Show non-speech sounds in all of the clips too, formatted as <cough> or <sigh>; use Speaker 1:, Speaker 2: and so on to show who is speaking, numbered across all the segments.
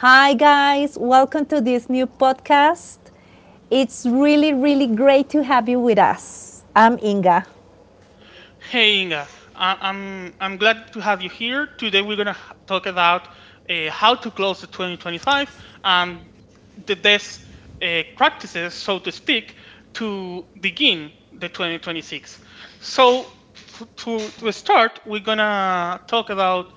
Speaker 1: Hi, guys. Welcome to this new podcast. It's really, really great to have you with us. I'm Inga.
Speaker 2: Hey, Inga. I'm glad to have you here. Today we're gonna talk about how to close the 2025 and the best practices, so to speak, to begin the 2026. So to start, we're gonna talk about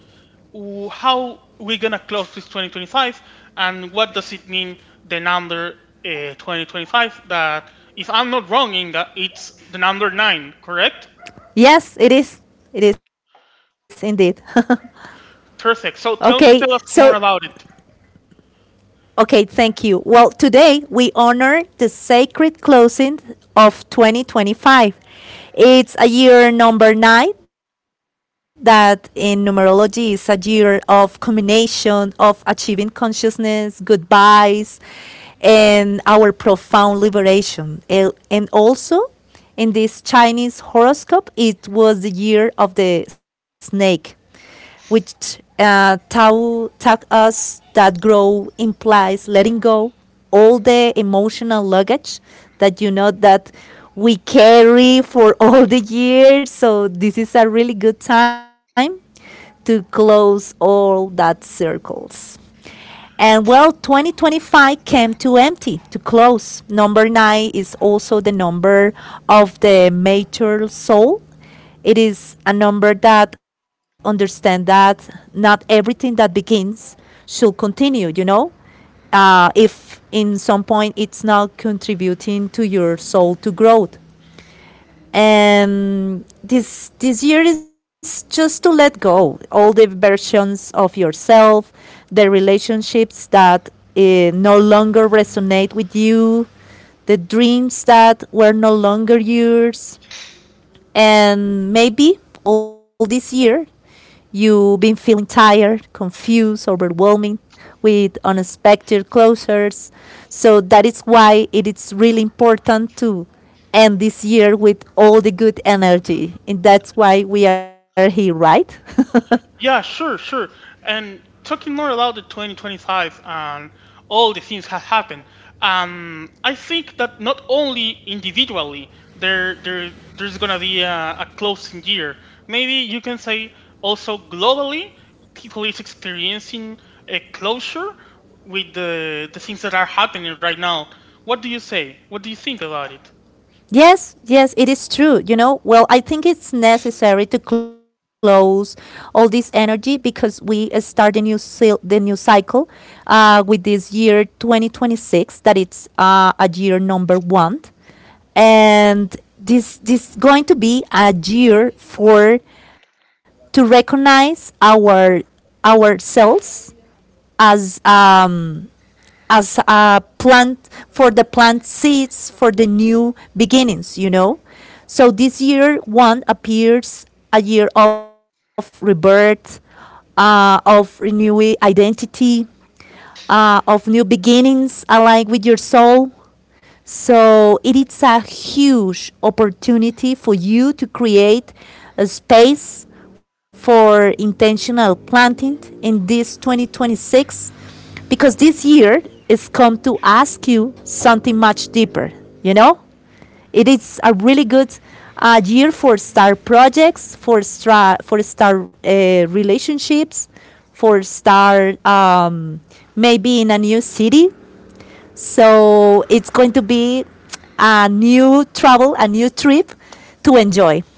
Speaker 2: how we're gonna close this 2025 and what does it mean the number 2025 that if I'm not wrong, Inga, it's the number nine, correct?
Speaker 1: Yes, it is. It is indeed. <laughs> Okay,
Speaker 2: Perfect, so
Speaker 1: so
Speaker 2: tell us more about it.
Speaker 1: okay, thank you. Well, today we honor the sacred closing of 2025. It's a year number nine that in numerology is a year of combination of achieving consciousness, goodbyes, and our profound liberation. And also in this Chinese horoscope, it was the year of the snake, which taught, us that growth implies letting go all the emotional luggage that, you know, that we carry for <laughs> all the years. So this is a really good time to close all that circles. And well, 2025 came to empty, to close. Number nine is also the number of the mature soul. It is a number that understand that not everything that begins should continue, you know? If in some point it's not contributing to your soul to growth, and this year is just to let go all the versions of yourself, the relationships that no longer resonate with you, the dreams that were no longer yours, and maybe all this year you've been feeling tired, confused, overwhelming, with unexpected closures. So that is why it is really important to end this year with all the good energy. And that's why we are here, right?
Speaker 2: Yeah, sure. And talking more about the 2025 and all the things have happened, I think that not only individually there there there's gonna be a closing year. Maybe you can say also globally, people is experiencing a closure with the things that are happening right now. What do you say? What do you think about it?
Speaker 1: Yes, yes, it is true. You know, well, I think it's necessary to close all this energy because we start the the new cycle with this year 2026, that it's a year number one, and this going to be a year for to recognize our ourselves as um, as a plant, for the plant seeds for the new beginnings, you know. So this year one appears a year of rebirth, of renewing identity, of new beginnings aligned with your soul. So it is a huge opportunity for you to create a space for intentional planting in this 2026, because this year is come to ask you something much deeper, you know? It is a really good year for start projects, for start relationships, for start maybe in a new city, so it's going to be a new travel, a new trip to enjoy.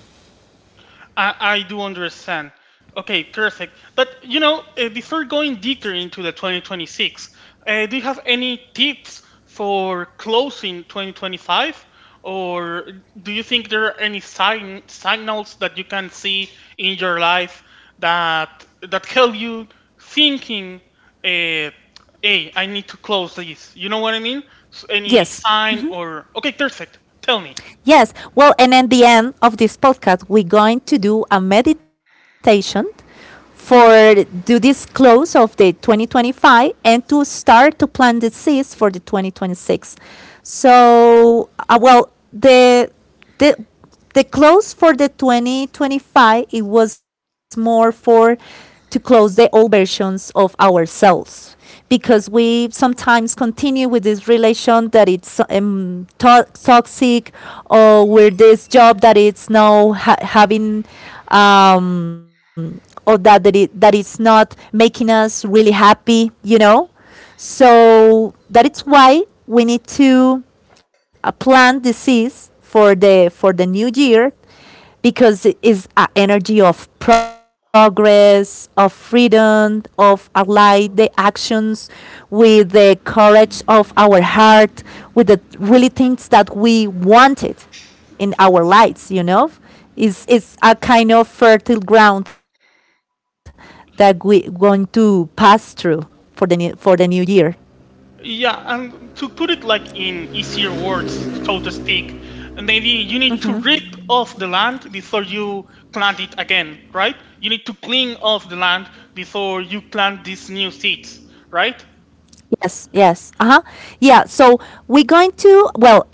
Speaker 2: I do understand. Okay, perfect. But you know, before going deeper into the 2026, do you have any tips for closing 2025? Or do you think there are any signals that you can see in your life that that help you thinking, uh, hey, I need to close this? You know what I mean? S any
Speaker 1: Yes.
Speaker 2: sign or. Okay, perfect. Tell me.
Speaker 1: Yes. Well, and at the end of this podcast, we're going to do a meditation for do this close of the 2025 and to start to plant the seeds for the 2026. So, well, the the the close for the 2025, it was more for to close the old versions of ourselves, because we sometimes continue with this relation that it's toxic, or with this job that it's now having, or that it's not making us really happy, you know. So that is why we need to a plant disease for the new year, because it is an energy of progress, of freedom, of ally the actions with the courage of our heart, with the really things that we wanted in our lives, you know. It's a kind of fertile ground that we're going to pass through for for the new year.
Speaker 2: Yeah, and to put it like in easier words, so to speak, maybe you need to rip off the land before you plant it again, right? You need to clean off the land before you plant these new seeds, right?
Speaker 1: Yes, yes. Uh-huh. Yeah, so we're going to, well,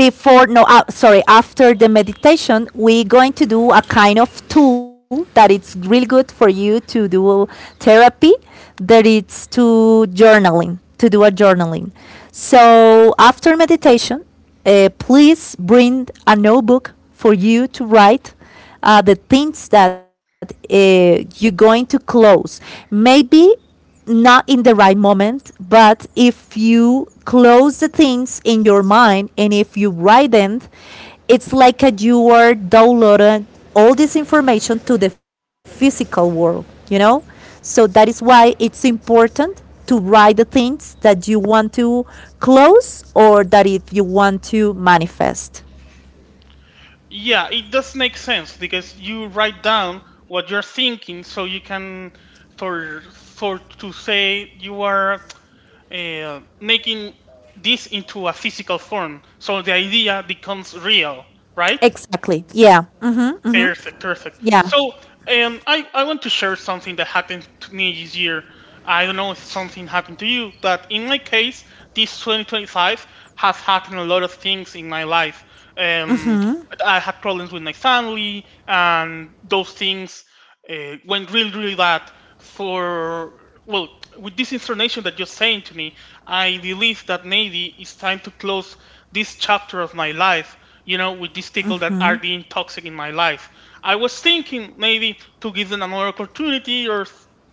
Speaker 1: before no, sorry, after the meditation, we're going to do a kind of tool that it's really good for you to do therapy, that it's to journaling, to do a journaling. So, after meditation, please bring a notebook for you to write the things that you're going to close. Maybe not in the right moment, but if you close the things in your mind and if you write them, it's like a, you are downloading all this information to the physical world, you know? So that is why it's important to write the things that you want to close, or that if you want to manifest.
Speaker 2: Yeah, it does make sense because you write down what you're thinking, so you can, for to say you are making this into a physical form, so the idea becomes real, right?
Speaker 1: Exactly. Yeah. Mm-hmm.
Speaker 2: Perfect.
Speaker 1: Yeah.
Speaker 2: So, I want to share something that happened to me this year. I don't know if something happened to you, but in my case, this 2025 has happened a lot of things in my life. Um, I had problems with my family, and those things when really, really that for well, with this information that you're saying to me, I believe that maybe it's time to close this chapter of my life. You know, with these people that are being toxic in my life. I was thinking maybe to give them another opportunity, or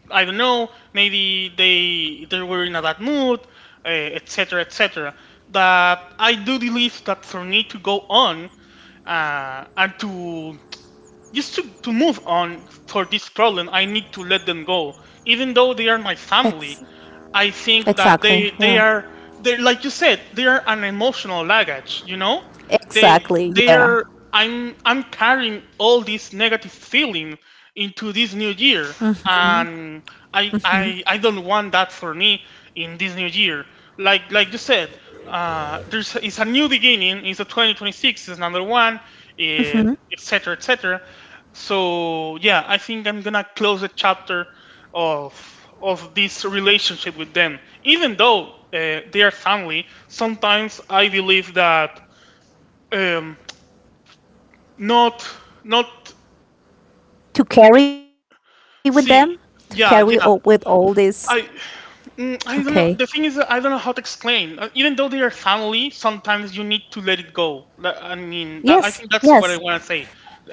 Speaker 2: I don't know, maybe they were in a bad mood, etc., etc. That I do believe that for me to go on and to just to move on for this problem, I need to let them go, even though they are my
Speaker 1: Ex-
Speaker 2: family. I think that
Speaker 1: exactly.
Speaker 2: they
Speaker 1: Yeah.
Speaker 2: they are they, like you said, they are an emotional luggage. You know, they
Speaker 1: Exactly.
Speaker 2: they
Speaker 1: Yeah.
Speaker 2: are. I'm carrying all this negative feeling into this new year, and I don't want that for me in this new year. Like you said, there's it's a new beginning. It's a 2026. It's number one, etc. etc. So yeah, I think I'm gonna close the chapter of this relationship with them. Even though they are family, sometimes I believe that um, not not
Speaker 1: To carry with them, to carry all,
Speaker 2: see.
Speaker 1: with all
Speaker 2: Yeah.
Speaker 1: this.
Speaker 2: I
Speaker 1: Okay.
Speaker 2: I don't know. The thing is, that I don't know how to explain. Even though they are family, sometimes you need to let it go. I mean, that,
Speaker 1: Yes,
Speaker 2: I think that's
Speaker 1: yes,
Speaker 2: what I want to say.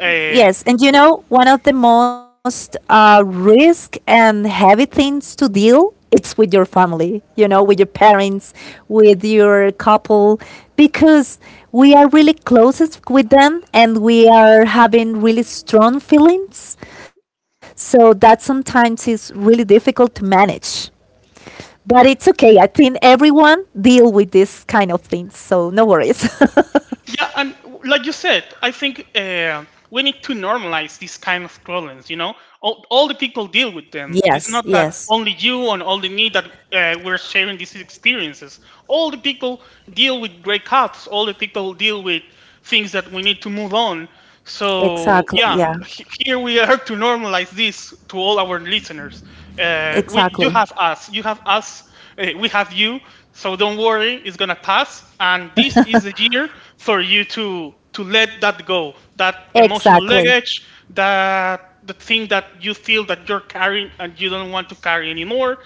Speaker 2: Uh,
Speaker 1: yes. And you know, one of the most risk and heavy things to deal, it's with your family, you know, with your parents, with your couple, because we are really closest with them and we are having really strong feelings, so that sometimes is really difficult to manage. But it's okay. I think everyone deal with this kind of things, so no worries. <laughs>
Speaker 2: yeah, and like you said, I think. We need to normalize these kind of problems, you know,
Speaker 1: Yes,
Speaker 2: all the people
Speaker 1: yes,
Speaker 2: deal with them. It's not that only you and only me that we're sharing these experiences. All the people deal with breakouts, all the people deal with things that we need to move on. So
Speaker 1: exactly.
Speaker 2: yeah,
Speaker 1: Yeah,
Speaker 2: here we are to normalize this to all our listeners. Uh, we,
Speaker 1: exactly.
Speaker 2: you have us, we have you. So don't worry, it's gonna pass, and this is the year for you to let that go, that emotional
Speaker 1: Exactly.
Speaker 2: luggage, that the thing that you feel that you're carrying and you don't want to carry anymore.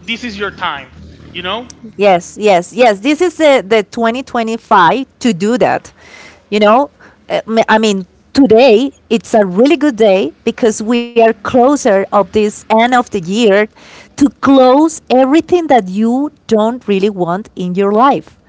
Speaker 2: This is your time, you know.
Speaker 1: Yes, yes, yes. This is the 2025 to do that. You know, I mean, today it's a really good day because we are closer of this end of the year, to close everything that you don't really want in your life.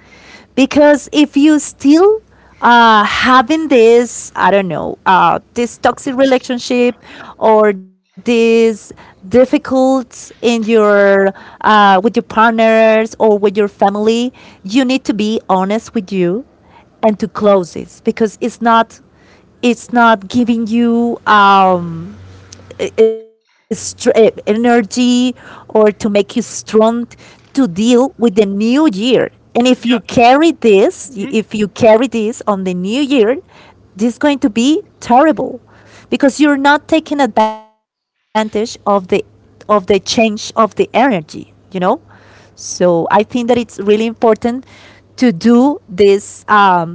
Speaker 1: Because if you still having this, I don't know, this toxic relationship, or this difficult in your with your partners or with your family, you need to be honest with you, and to close this, because it's not, it's not giving you energy, or to make you strong, to deal with the new year. And if you
Speaker 2: Yeah,
Speaker 1: carry this,
Speaker 2: mhm.
Speaker 1: if you carry this on the new year, this is going to be terrible, because you're not taking advantage of the change of the energy, you know? So I think that it's really important to do this um,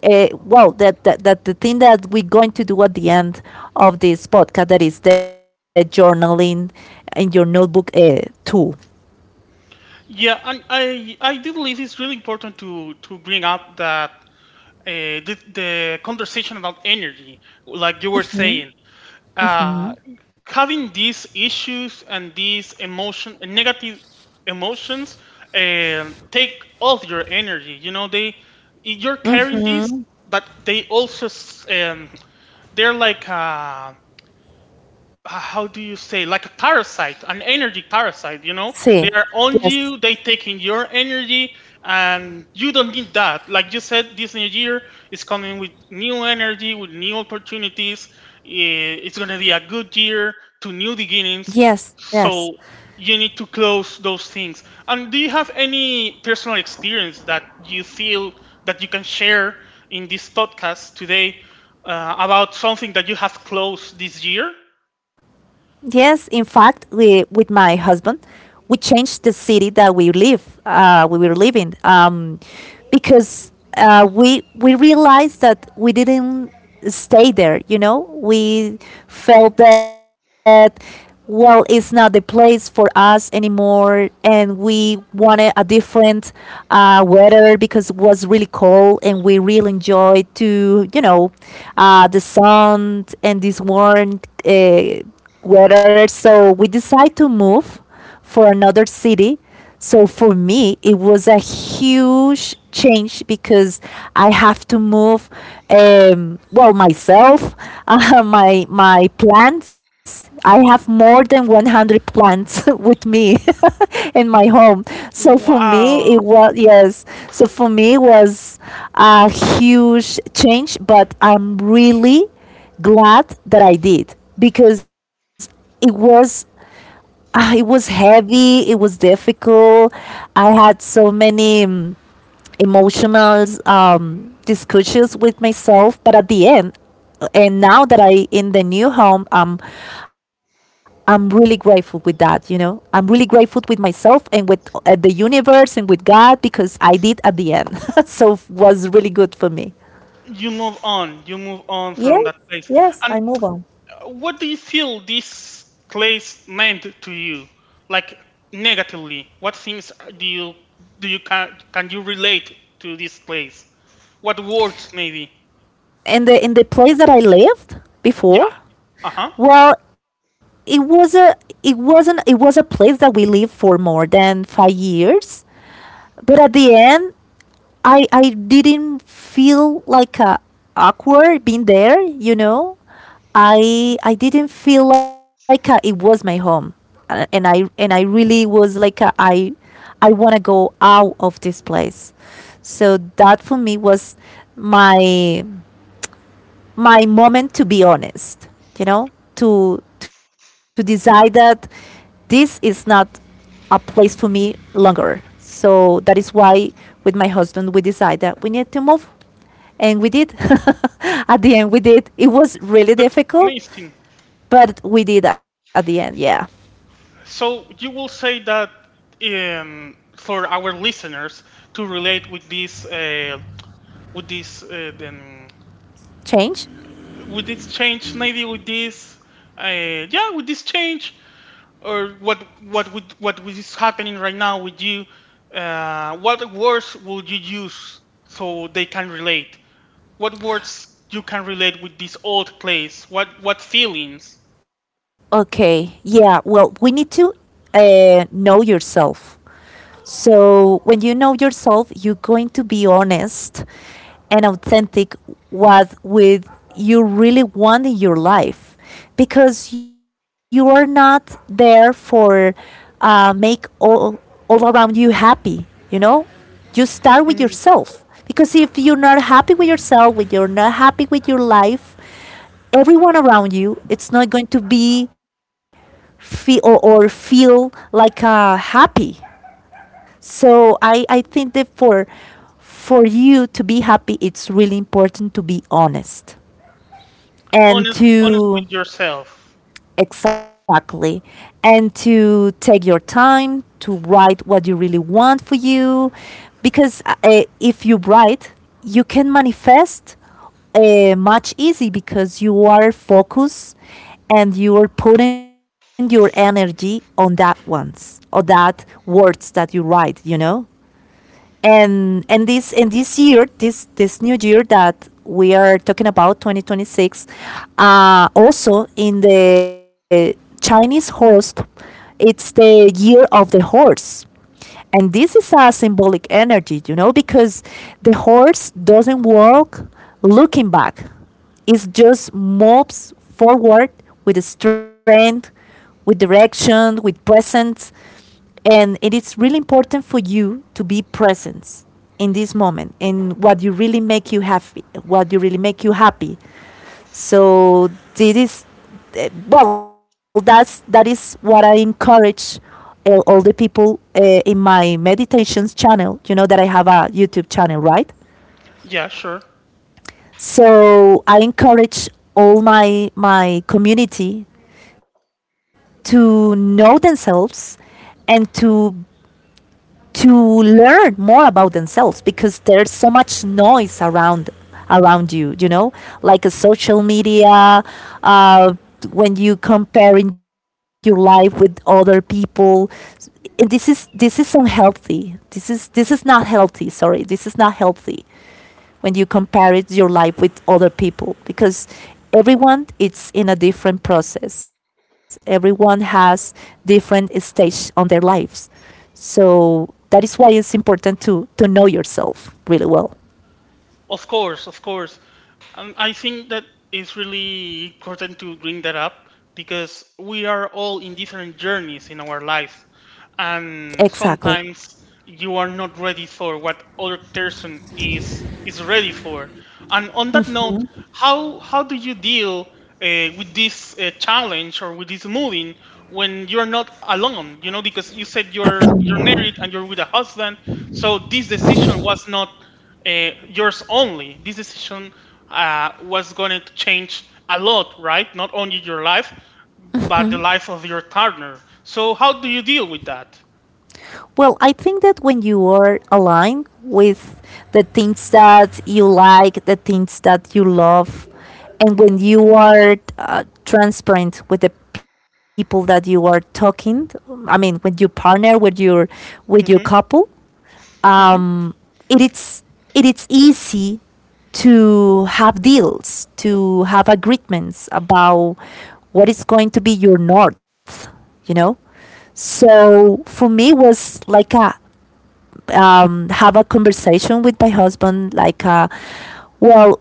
Speaker 1: uh, well, that the thing that we're going to do at the end of this podcast, that is the journaling in your notebook tool.
Speaker 2: Yeah, and I do believe it's really important to bring up that the conversation about energy, like you were saying, uh, having these issues and these emotion negative emotions take all your energy, you know, they you're carrying these, but they also they're like how do you say, like a parasite, an energy parasite, you know,
Speaker 1: Sí,
Speaker 2: they are on
Speaker 1: yes.
Speaker 2: you, they taking your energy, and you don't need that. Like you said, this new year is coming with new energy, with new opportunities. Eh, it's going to be a good year to new
Speaker 1: Yes,
Speaker 2: beginnings.
Speaker 1: yes.
Speaker 2: So you need to close those things. And do you have any personal experience that you feel that you can share in this podcast today about something that you have closed this year?
Speaker 1: Yes, in fact, we, with my husband, we changed the city that we live, we were living, because we realized that we didn't stay there. You know, we felt that, well, it's not the place for us anymore, and we wanted a different weather because it was really cold, and we really enjoyed to, you know, the sun and this warm weather. So we decided to move for another city. So for me, it was a huge change because I have to move, well, myself, <laughs> my plants. I have more than 100 plants <laughs> with me <laughs> in my home. So for
Speaker 2: Yes.
Speaker 1: me, it
Speaker 2: Wow.
Speaker 1: was, yes. So for me, it was a huge change, but I'm really glad that I did, because it was, ah, it was heavy, it was difficult. I had so many emotional discussions with myself, but at the end, and now that I in the new home, I'm really grateful with that, you know. I'm really grateful with myself and with the universe and with God because I did at the end. <laughs> So it was really good for me.
Speaker 2: You move on. You move on from
Speaker 1: Yes,
Speaker 2: that place.
Speaker 1: yes, I
Speaker 2: And
Speaker 1: move on.
Speaker 2: what do you feel this place meant to you? Like negatively, what things do you do you can you relate to this place? What words maybe?
Speaker 1: And the in the place that I lived before,
Speaker 2: Yeah. Uh-huh.
Speaker 1: well, it was a, it wasn't, it was a place that we lived for more than 5 years. But at the end, I didn't feel like a awkward being there. You know, I didn't feel like a, it was my home. And I really was like a, I want to go out of this place. So that for me was my my moment to be honest, you know, to decide that this is not a place for me longer, so that is why with my husband we decided that we need to move, and we did. <laughs> At the end we did, it was really
Speaker 2: That's
Speaker 1: difficult,
Speaker 2: amazing.
Speaker 1: but we did at the end, yeah.
Speaker 2: So you will say that for our listeners to relate with this
Speaker 1: Change.
Speaker 2: would this change maybe with this uh, yeah would this change, or what would is happening right now with you, what words would you use so they can relate, what words you can relate with this old place, what feelings?
Speaker 1: Okay. Yeah. Well, we need to know yourself. So when you know yourself, you're going to be honest and authentic what with you really want in your life, because you are not there for make all around you happy. You know, you start with
Speaker 2: Mhm.
Speaker 1: yourself, because if you're not happy with yourself, with you're not happy with your life, everyone around you, it's not going to be feel or feel like happy. So I think that for you to be happy, it's really important to be honest and
Speaker 2: Honest with
Speaker 1: to,
Speaker 2: yourself.
Speaker 1: exactly. And to take your time to write what you really want for you. Because if you write, you can manifest much easy because you are focused and you are putting your energy on that ones or that words that you write, you know? And this year, this new year that we are talking about, 2026, also in the chinese horse, it's the year of the horse. And this is a symbolic energy, you know, because the horse doesn't walk looking back, it just moves forward, with strength, with direction, with presence. And it is really important for you to be present in this moment and what you really make you happy, what you really make you happy. So this is, well, that is what I encourage all the people, in my meditations channel. You know that I have a YouTube channel, right?
Speaker 2: Yeah, sure.
Speaker 1: So I encourage all my community to know themselves, and to to learn more about themselves, because there's so much noise around, you, you know, like a social media, uh, when you comparing your life with other people. And this is unhealthy, this is not healthy, sorry, this is not healthy when you compare it your life with other people, because everyone it's in a different process, everyone has different stage on their lives. So that is why it's important to know yourself really well.
Speaker 2: Of course. I think that it's really important to bring that up because we are all in different journeys in our life, and
Speaker 1: Exactly.
Speaker 2: sometimes you are not ready for what other person is ready for. And on that note, how do you deal with this challenge or with this moving, when you're not alone? You know, because you said you're married and you're with a husband, so this decision was not yours only. This decision was going to change a lot, right? Not only your life, but the life of your partner. So, how do you deal with that?
Speaker 1: Well, I think that when you are aligned with the things that you like, the things that you love, and when you are transparent with the people that you are talking, I mean, when you partner with your couple,
Speaker 2: Hmm. Hmm.
Speaker 1: um, it is, it is easy to have deals, to have agreements about what is going to be your north, you know. So for me was like a, have a conversation with my husband, like, well,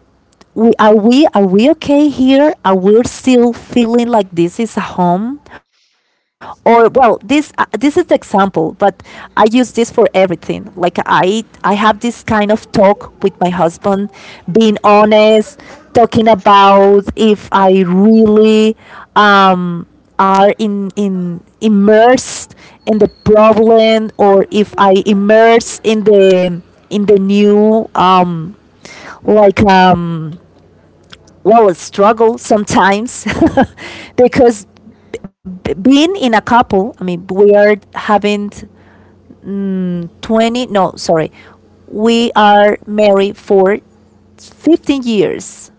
Speaker 1: are we okay here? Are we still feeling like this is a home? Or well, this this is the example, but I use this for everything. Like I have this kind of talk with my husband, being honest, talking about if I really um are in immersed in the problem, or if I immerse in the new like well a struggle sometimes <laughs> because being in a couple, I mean, we are having 20 no sorry we are married for 15 years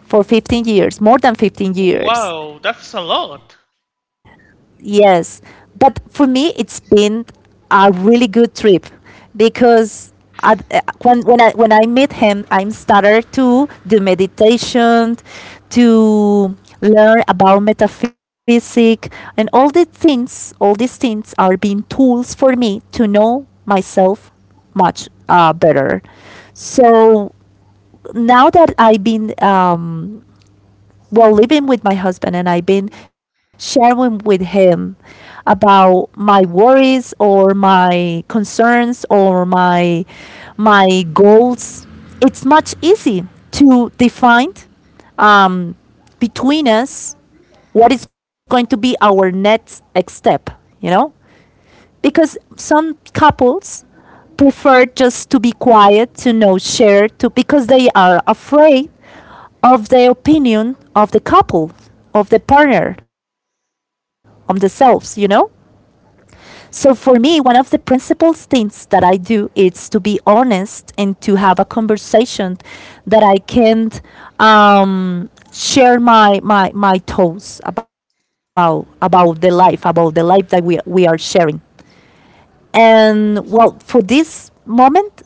Speaker 1: for 15 years, more than 15 years.
Speaker 2: Wow, that's a lot.
Speaker 1: Yes, but for me, it's been a really good trip because I, when I met him, I'm started to do meditation, to learn about metaphysics, and all the things. All these things are being tools for me to know myself much better. So now that I've been, while living with my husband, and I've been sharing with him about my worries or my concerns or my goals, it's much easy to define, um, between us, what is going to be our next step, you know, because some couples prefer just to be quiet, to not share, to because they are afraid of the opinion of the couple, of the partner, of themselves, you know? So for me, one of the principal things that I do is to be honest and to have a conversation that I can share my thoughts about the life, about the life that we are sharing. And well, for this moment,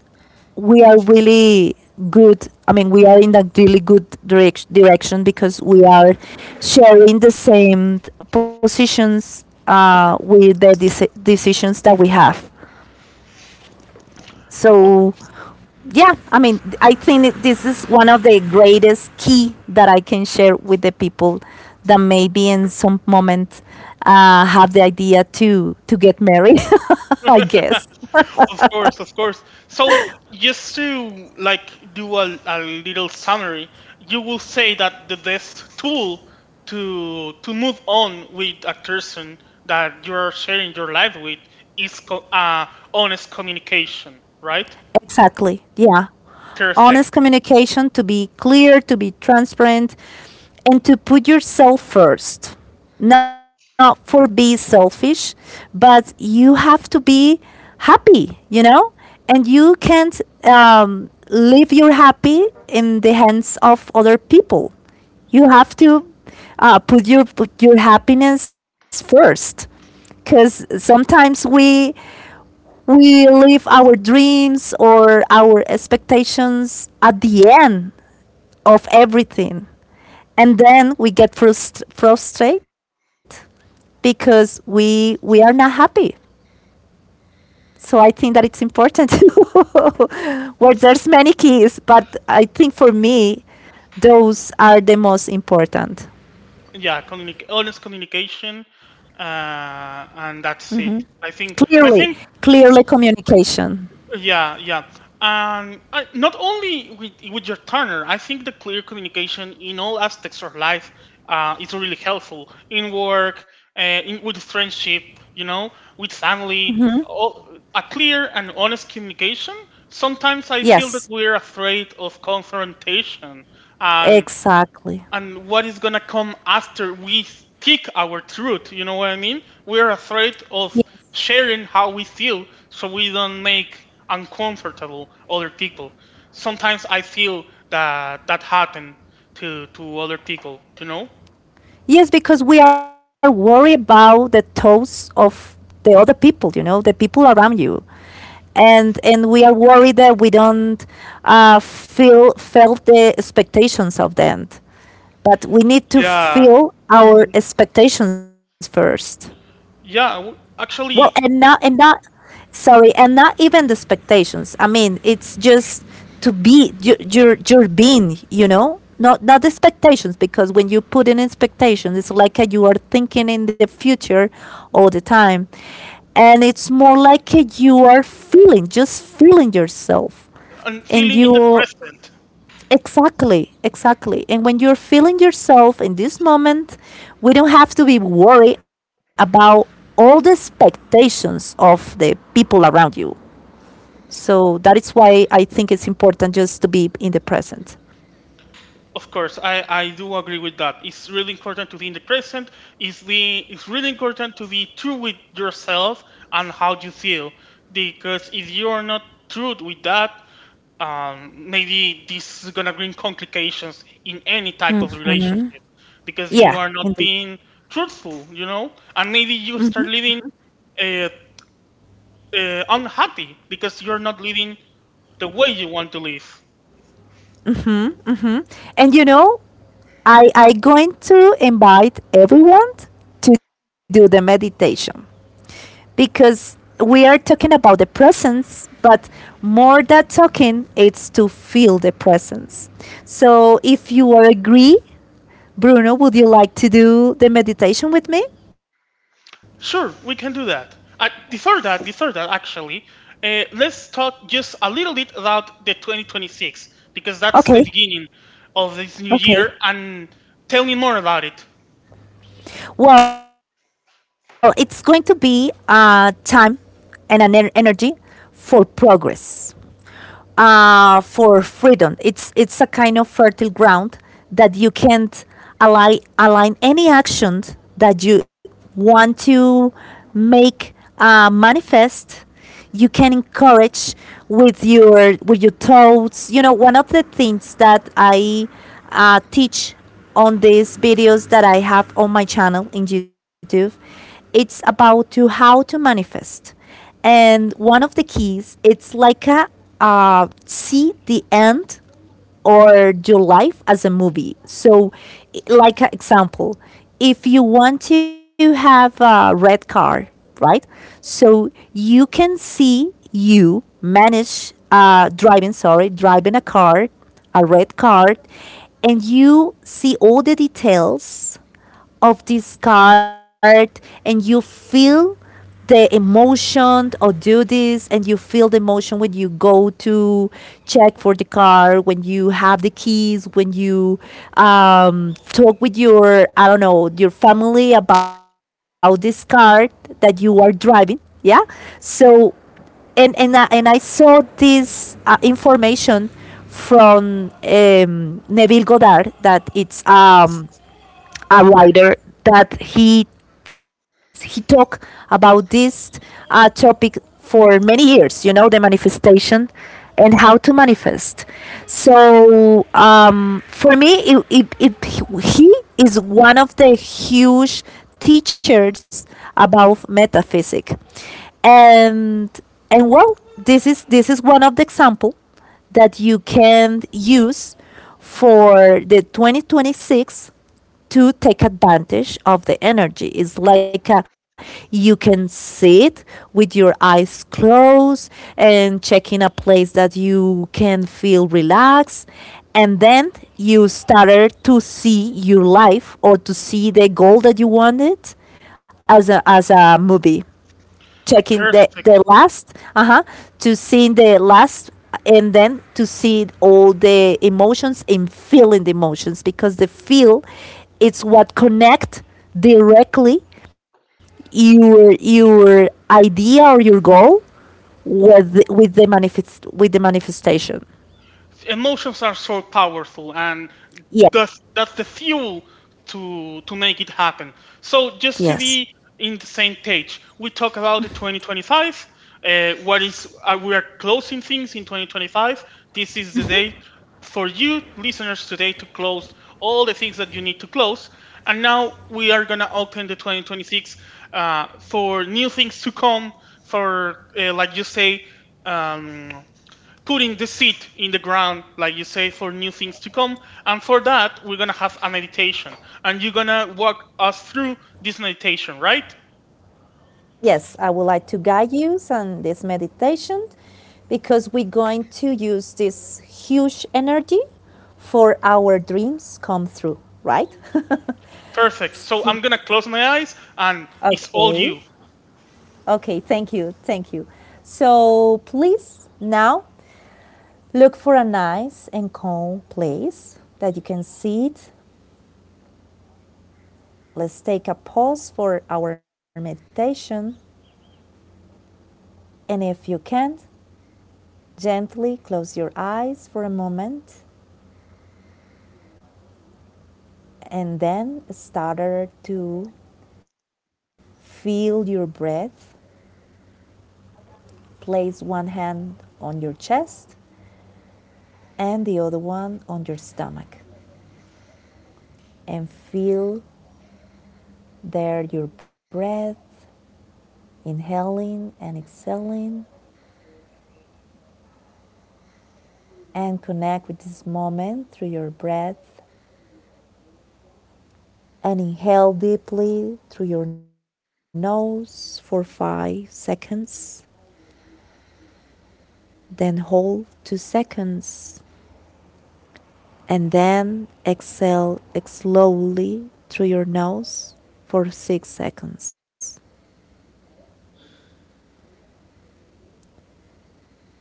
Speaker 1: we are really good. I mean, we are in a really good direction because we are sharing the same positions with the decisions that we have.
Speaker 2: Of
Speaker 1: So yeah, I mean, I think that this is one of the greatest key that I can share with the people that maybe in some moment have the idea to get married. <laughs> I guess.
Speaker 2: of course, of course. So, just to like do a little summary, you will say that the best tool to move on with a person that you're sharing your life with is honest communication, right?
Speaker 1: Exactly. Yeah.
Speaker 2: Perfect.
Speaker 1: Honest communication, to be clear, to be transparent, and to put yourself first. Not for being selfish, but you have to be happy, you know? And you can't leave your happy in the hands of other people. You have to put your happiness first, because sometimes we, leave our dreams or our expectations at the end of everything, and then we get frustrated because we are not happy. So I think that it's important. <laughs> Well, there's many keys, but I think for me those are the most important.
Speaker 2: Yeah, communic honest communication, uh, and that's it. I think,
Speaker 1: Clearly.
Speaker 2: I think,
Speaker 1: Clearly communication.
Speaker 2: yeah, yeah. And I, not only with your Turner, I think the clear communication in all aspects of life is really helpful in work, in, with friendship, you know, with family.
Speaker 1: Mhm.
Speaker 2: All, a clear and honest communication. Sometimes I feel that
Speaker 1: Yes.
Speaker 2: we're afraid of confrontation, and
Speaker 1: Exactly.
Speaker 2: and what is gonna come after we speak our truth. You know what I mean? We're afraid of sharing how we feel so we don't make uncomfortable other people. Sometimes I feel that that happened to other people. You know?
Speaker 1: Yes, because we are worried about the thoughts of the other people, you know, the people around you. And we are worried that we don't feel felt the expectations of them. But we need to
Speaker 2: Yeah.
Speaker 1: feel our
Speaker 2: Mhm.
Speaker 1: expectations first.
Speaker 2: Yeah.
Speaker 1: Well, and not
Speaker 2: Actually,
Speaker 1: and not sorry, and not even the expectations. I mean, it's just to be you, you're being, you know, not, not the expectations, because when you put in expectations, it's like, you are thinking in the future all the time, and it's more like, you are feeling, just feeling yourself,
Speaker 2: and
Speaker 1: and
Speaker 2: feeling in the
Speaker 1: you.
Speaker 2: present.
Speaker 1: Exactly, exactly. And when you're feeling yourself in this moment, we don't have to be worried about all the expectations of the people around you. So that is why I think it's important just to be in the present.
Speaker 2: Of course, I do agree with that. It's really important to be in the present. It's the it's really important to be true with yourself and how you feel. Because if you are not true with that, maybe this is gonna bring complications in any type of relationship because
Speaker 1: Yeah,
Speaker 2: you are not
Speaker 1: indeed.
Speaker 2: being truthful, you know, and maybe you start living uh, unhappy because you're not living the way you want to live.
Speaker 1: And you know, I going to invite everyone to do the meditation, because we are talking about the presence, but more than talking, it's to feel the presence. So if you are agree, Bruno, would you like to do the meditation with me?
Speaker 2: Sure, we can do that. Before that, actually, let's talk just a little bit about the 2026 because that's the
Speaker 1: Okay,
Speaker 2: beginning of this new
Speaker 1: okay.
Speaker 2: year. And tell me more about it.
Speaker 1: Well, it's going to be time and an energy for progress, for freedom. It's a kind of fertile ground that you can't align any action that you want to make, manifest. You can encourage with your, with your thoughts. You know, one of the things that I teach on these videos that I have on my channel in YouTube, it's about to how to manifest. And one of the keys it's like a, see the end or your life as a movie. So like an example, if you want to have a red car, right, so you can see you manage, driving, sorry, driving a car, a red car, and you see all the details of this card, and you feel the emotion, or do this and you feel the emotion, when you go to check for the car, when you have the keys, when you talk with your, I don't know, your family about this car that you are driving, yeah. So I saw this information from, Neville Goddard, that it's a writer, that he talked about this topic for many years. You know, the manifestation and how to manifest. So for me, he is one of the huge teachers about metaphysics. and and well, this is, this is one of the example that you can use for the 2026 to take advantage of the energy. It's like, you can sit with your eyes closed and check in a place that you can feel relaxed. And then you started to see your life or to see the goal that you wanted as a movie, checking
Speaker 2: Perfect.
Speaker 1: the last, uh-huh, to see the last, and then to see all the emotions and feeling the emotions, because the feel, it's what connect directly your idea or your goal with with the manifestation.
Speaker 2: Emotions are so powerful, and
Speaker 1: Yes.
Speaker 2: that's the fuel to make it happen. So just to
Speaker 1: Yes.
Speaker 2: be in the same page, we talk about the 2025. What is we are closing things in 2025. This is the day for you listeners today to close all the things that you need to close. And now we are gonna open the 2026 for new things to come. For like you say, um, putting the seed in the ground, like you say, for new things to come. And for that, we're gonna have a meditation, and you're gonna walk us through this meditation, right?
Speaker 1: Yes, I would like to guide you on this meditation because we're going to use this huge energy for our dreams come through, right?
Speaker 2: Perfect. So I'm gonna close my eyes, and
Speaker 1: <laughs>
Speaker 2: it's all
Speaker 1: Okay.
Speaker 2: you.
Speaker 1: Okay, thank you. Thank you. So, please now look for a nice and calm place that you can sit. Let's take a pause for our meditation. And if you can't, gently close your eyes for a moment and then started to feel your breath. Place one hand on your chest and the other one on your stomach, and feel there your breath, inhaling and exhaling, and connect with this moment through your breath. And inhale deeply through your nose for 5 seconds, then hold 2 seconds, and then exhale slowly through your nose for 6 seconds.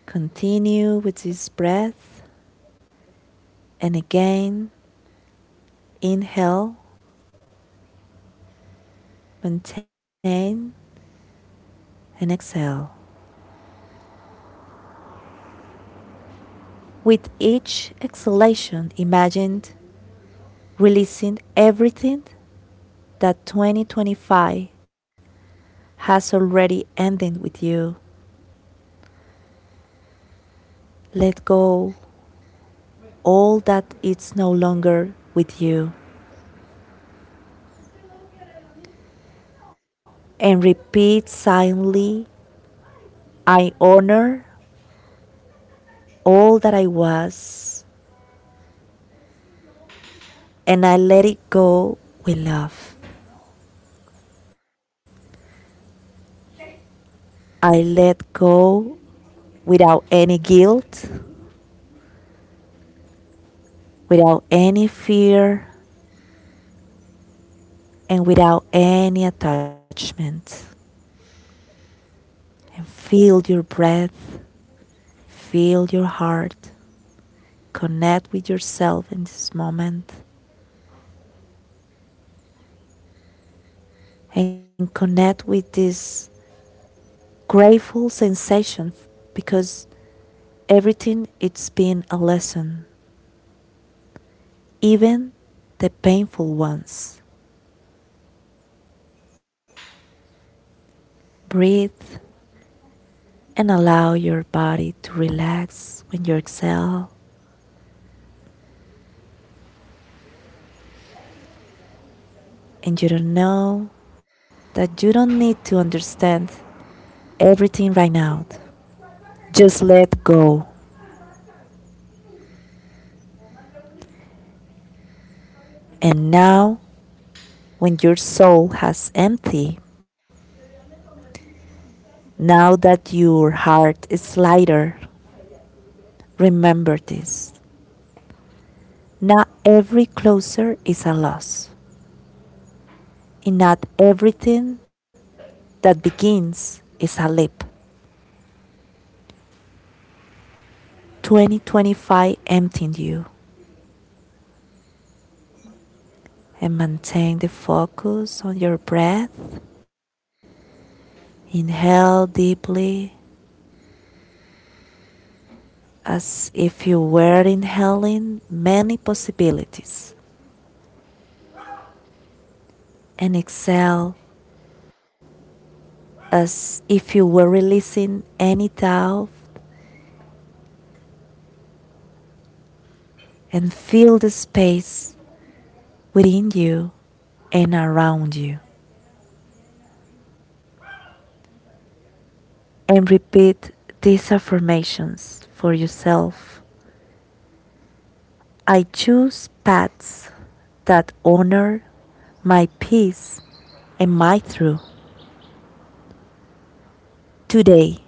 Speaker 1: Continue with this breath, and again, inhale, maintain, and exhale. With each exhalation, imagine releasing everything that 2025 has already ended with you. Let go all that is no longer with you, and repeat silently, I honor all that I was, and I let it go with love. I let go without any guilt, without any fear, and without any attachment. And feel your breath, feel your heart, connect with yourself in this moment, and connect with this grateful sensation, because everything it's been a lesson, even the painful ones. Breathe and allow your body to relax when you exhale, and you don't know that you don't need to understand everything right now. Just let go. And now, when your soul has emptied, now that your heart is lighter, remember this. Not every closer is a loss, and not everything that begins is a leap. 2025 emptying you, and maintain the focus on your breath. Inhale deeply as if you were inhaling many possibilities, and exhale as if you were releasing any doubt, and fill the space within you and around you. And repeat these affirmations for yourself, I choose paths that honor my peace and my truth. Today,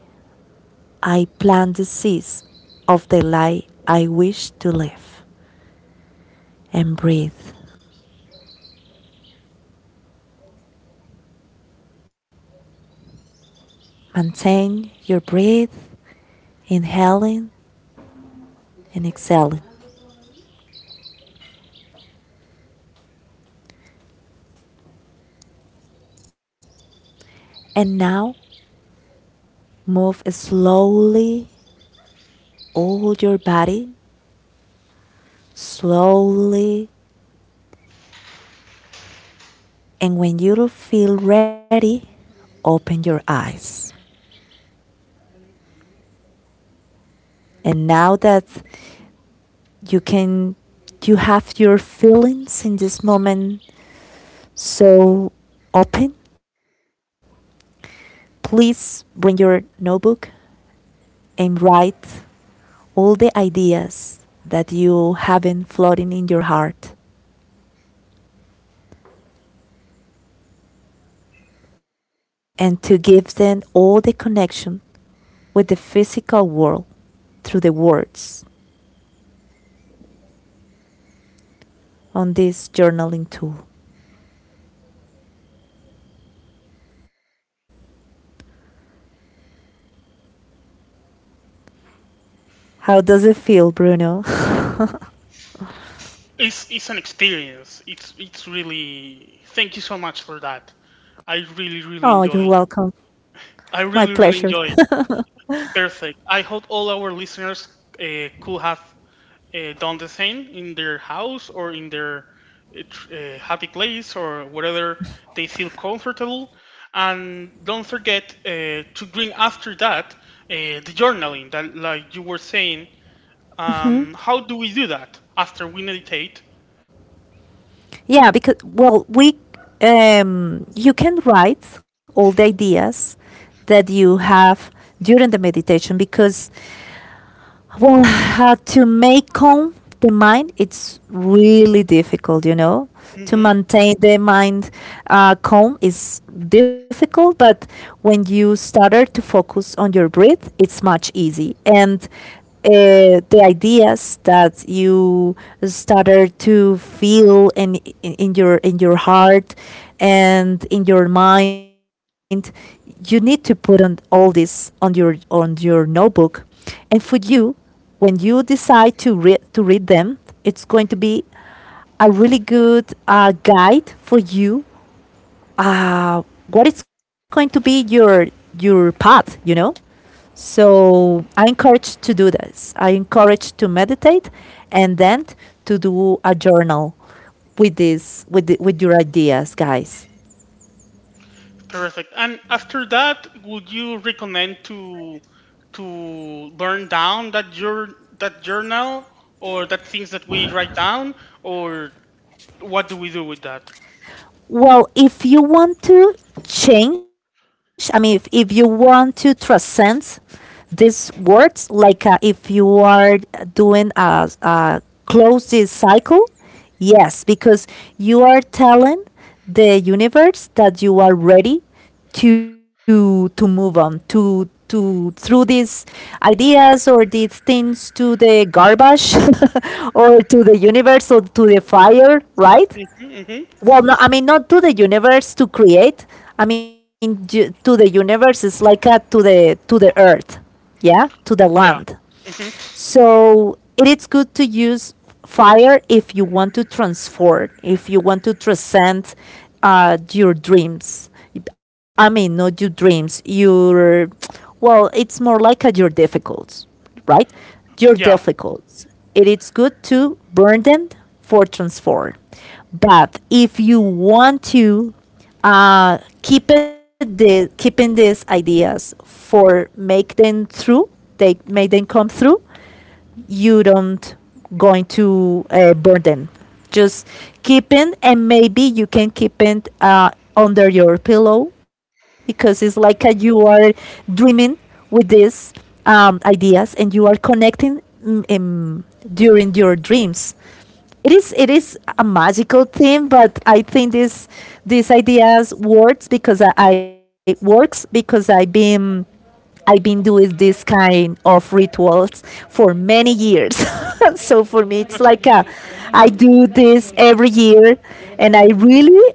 Speaker 1: I plant the seeds of the life I wish to live, and breathe. Maintain your breath, inhaling and exhaling. And now, move slowly all your body, slowly. And when you feel ready, open your eyes. And now that you can you have your feelings in this moment, so open, please bring your notebook and write all the ideas that you have been floating in your heart, and to give them all the connection with the physical world through the words on this journaling tool. How does it feel, Bruno?
Speaker 2: It's an experience. It's really. Thank you so much for that. I really
Speaker 1: <laughs>
Speaker 2: really
Speaker 1: Oh,
Speaker 2: enjoy.
Speaker 1: you're
Speaker 2: It.
Speaker 1: welcome.
Speaker 2: I
Speaker 1: My
Speaker 2: really really enjoy
Speaker 1: pleasure.
Speaker 2: it. Perfect. I hope all our listeners could have done the same in their house or in their happy place or wherever they feel comfortable. And don't forget to bring after that the journaling that, like you were saying. How do we do that after we meditate?
Speaker 1: Yeah, because well, we you can write all the ideas that you have during the meditation because well, to make calm the mind, it's really difficult, you know. To
Speaker 2: Hmm.
Speaker 1: maintain the mind calm is difficult, but when you started to focus on your breath, it's much easy. And the ideas that you started to feel in, in your in your heart and in your mind, you need to put on all this on your notebook. And for you, when you decide to read them, it's going to be a really good guide for you. Uh, what is going to be your path, you know? So I encourage to do this. I encourage to meditate, and then to do a journal with this with with your ideas, guys.
Speaker 2: Perfect. And after that, would you recommend to burn down that that journal or that things that we write down, or what do we do with that?
Speaker 1: Well, if you want to change, I mean, if you want to transcend these words like if you are doing a closed cycle, yes, because you are telling the universe that you are ready to move on, to throw these ideas or these things to the garbage <laughs> or to the universe or to the fire, right?
Speaker 2: Mhm.
Speaker 1: Well, no, I mean not to the universe to create. I mean to the universe is like a, to the earth, yeah, to the
Speaker 2: Yeah.
Speaker 1: land.
Speaker 2: Hmm.
Speaker 1: So it is good to use fire if you want to transform, if you want to transcend your dreams. I mean, not your dreams, your, well, it's more like a, your difficulties, right? Your
Speaker 2: Yeah.
Speaker 1: difficulties. It is good to burn them for transform. But if you want to keep keeping these ideas for make them through, they make them come through, you don't going to burn them. Just keep it, and maybe you can keep it under your pillow because it's like you are dreaming with these ideas, and you are connecting during your dreams. It is a magical thing, but I think this these ideas works because I works because I've been doing this kind of rituals for many years. <laughs> So for me, it's
Speaker 2: <laughs>
Speaker 1: like a, I do this every year, and I really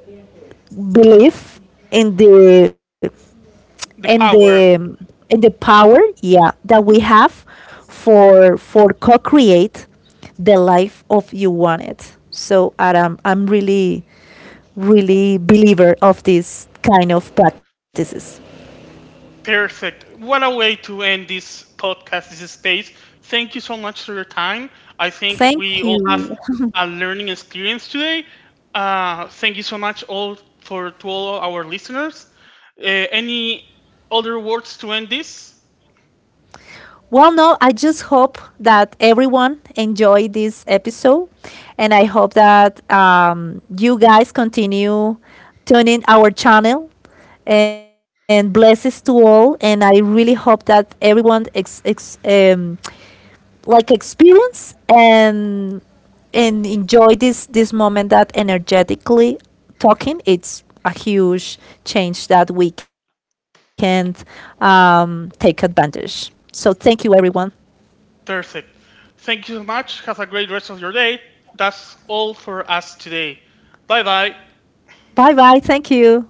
Speaker 1: believe in the in
Speaker 2: The
Speaker 1: the
Speaker 2: power.
Speaker 1: in the power, yeah, that we
Speaker 2: Mhm.
Speaker 1: have for co-create the life of you want it. So Adam, I'm really believer of this kind of practices.
Speaker 2: Perfect. What a way to end this podcast, this space. Thank you so much for your time. I think
Speaker 1: Thank
Speaker 2: we all have
Speaker 1: you.
Speaker 2: a learning experience today. Thank you so much all for to all our listeners. Uh, any other words to end this?
Speaker 1: Well, no, I just hope that everyone enjoyed this episode, and I hope that you guys continue tuning our channel. And blessings to all, and I really hope that everyone like experience and enjoy this moment that energetically talking, it's a huge change that we can take advantage. So thank you, everyone.
Speaker 2: Perfect. Thank you so much. Have a great rest of your day. That's all for us today. Bye bye.
Speaker 1: Bye bye. Thank you.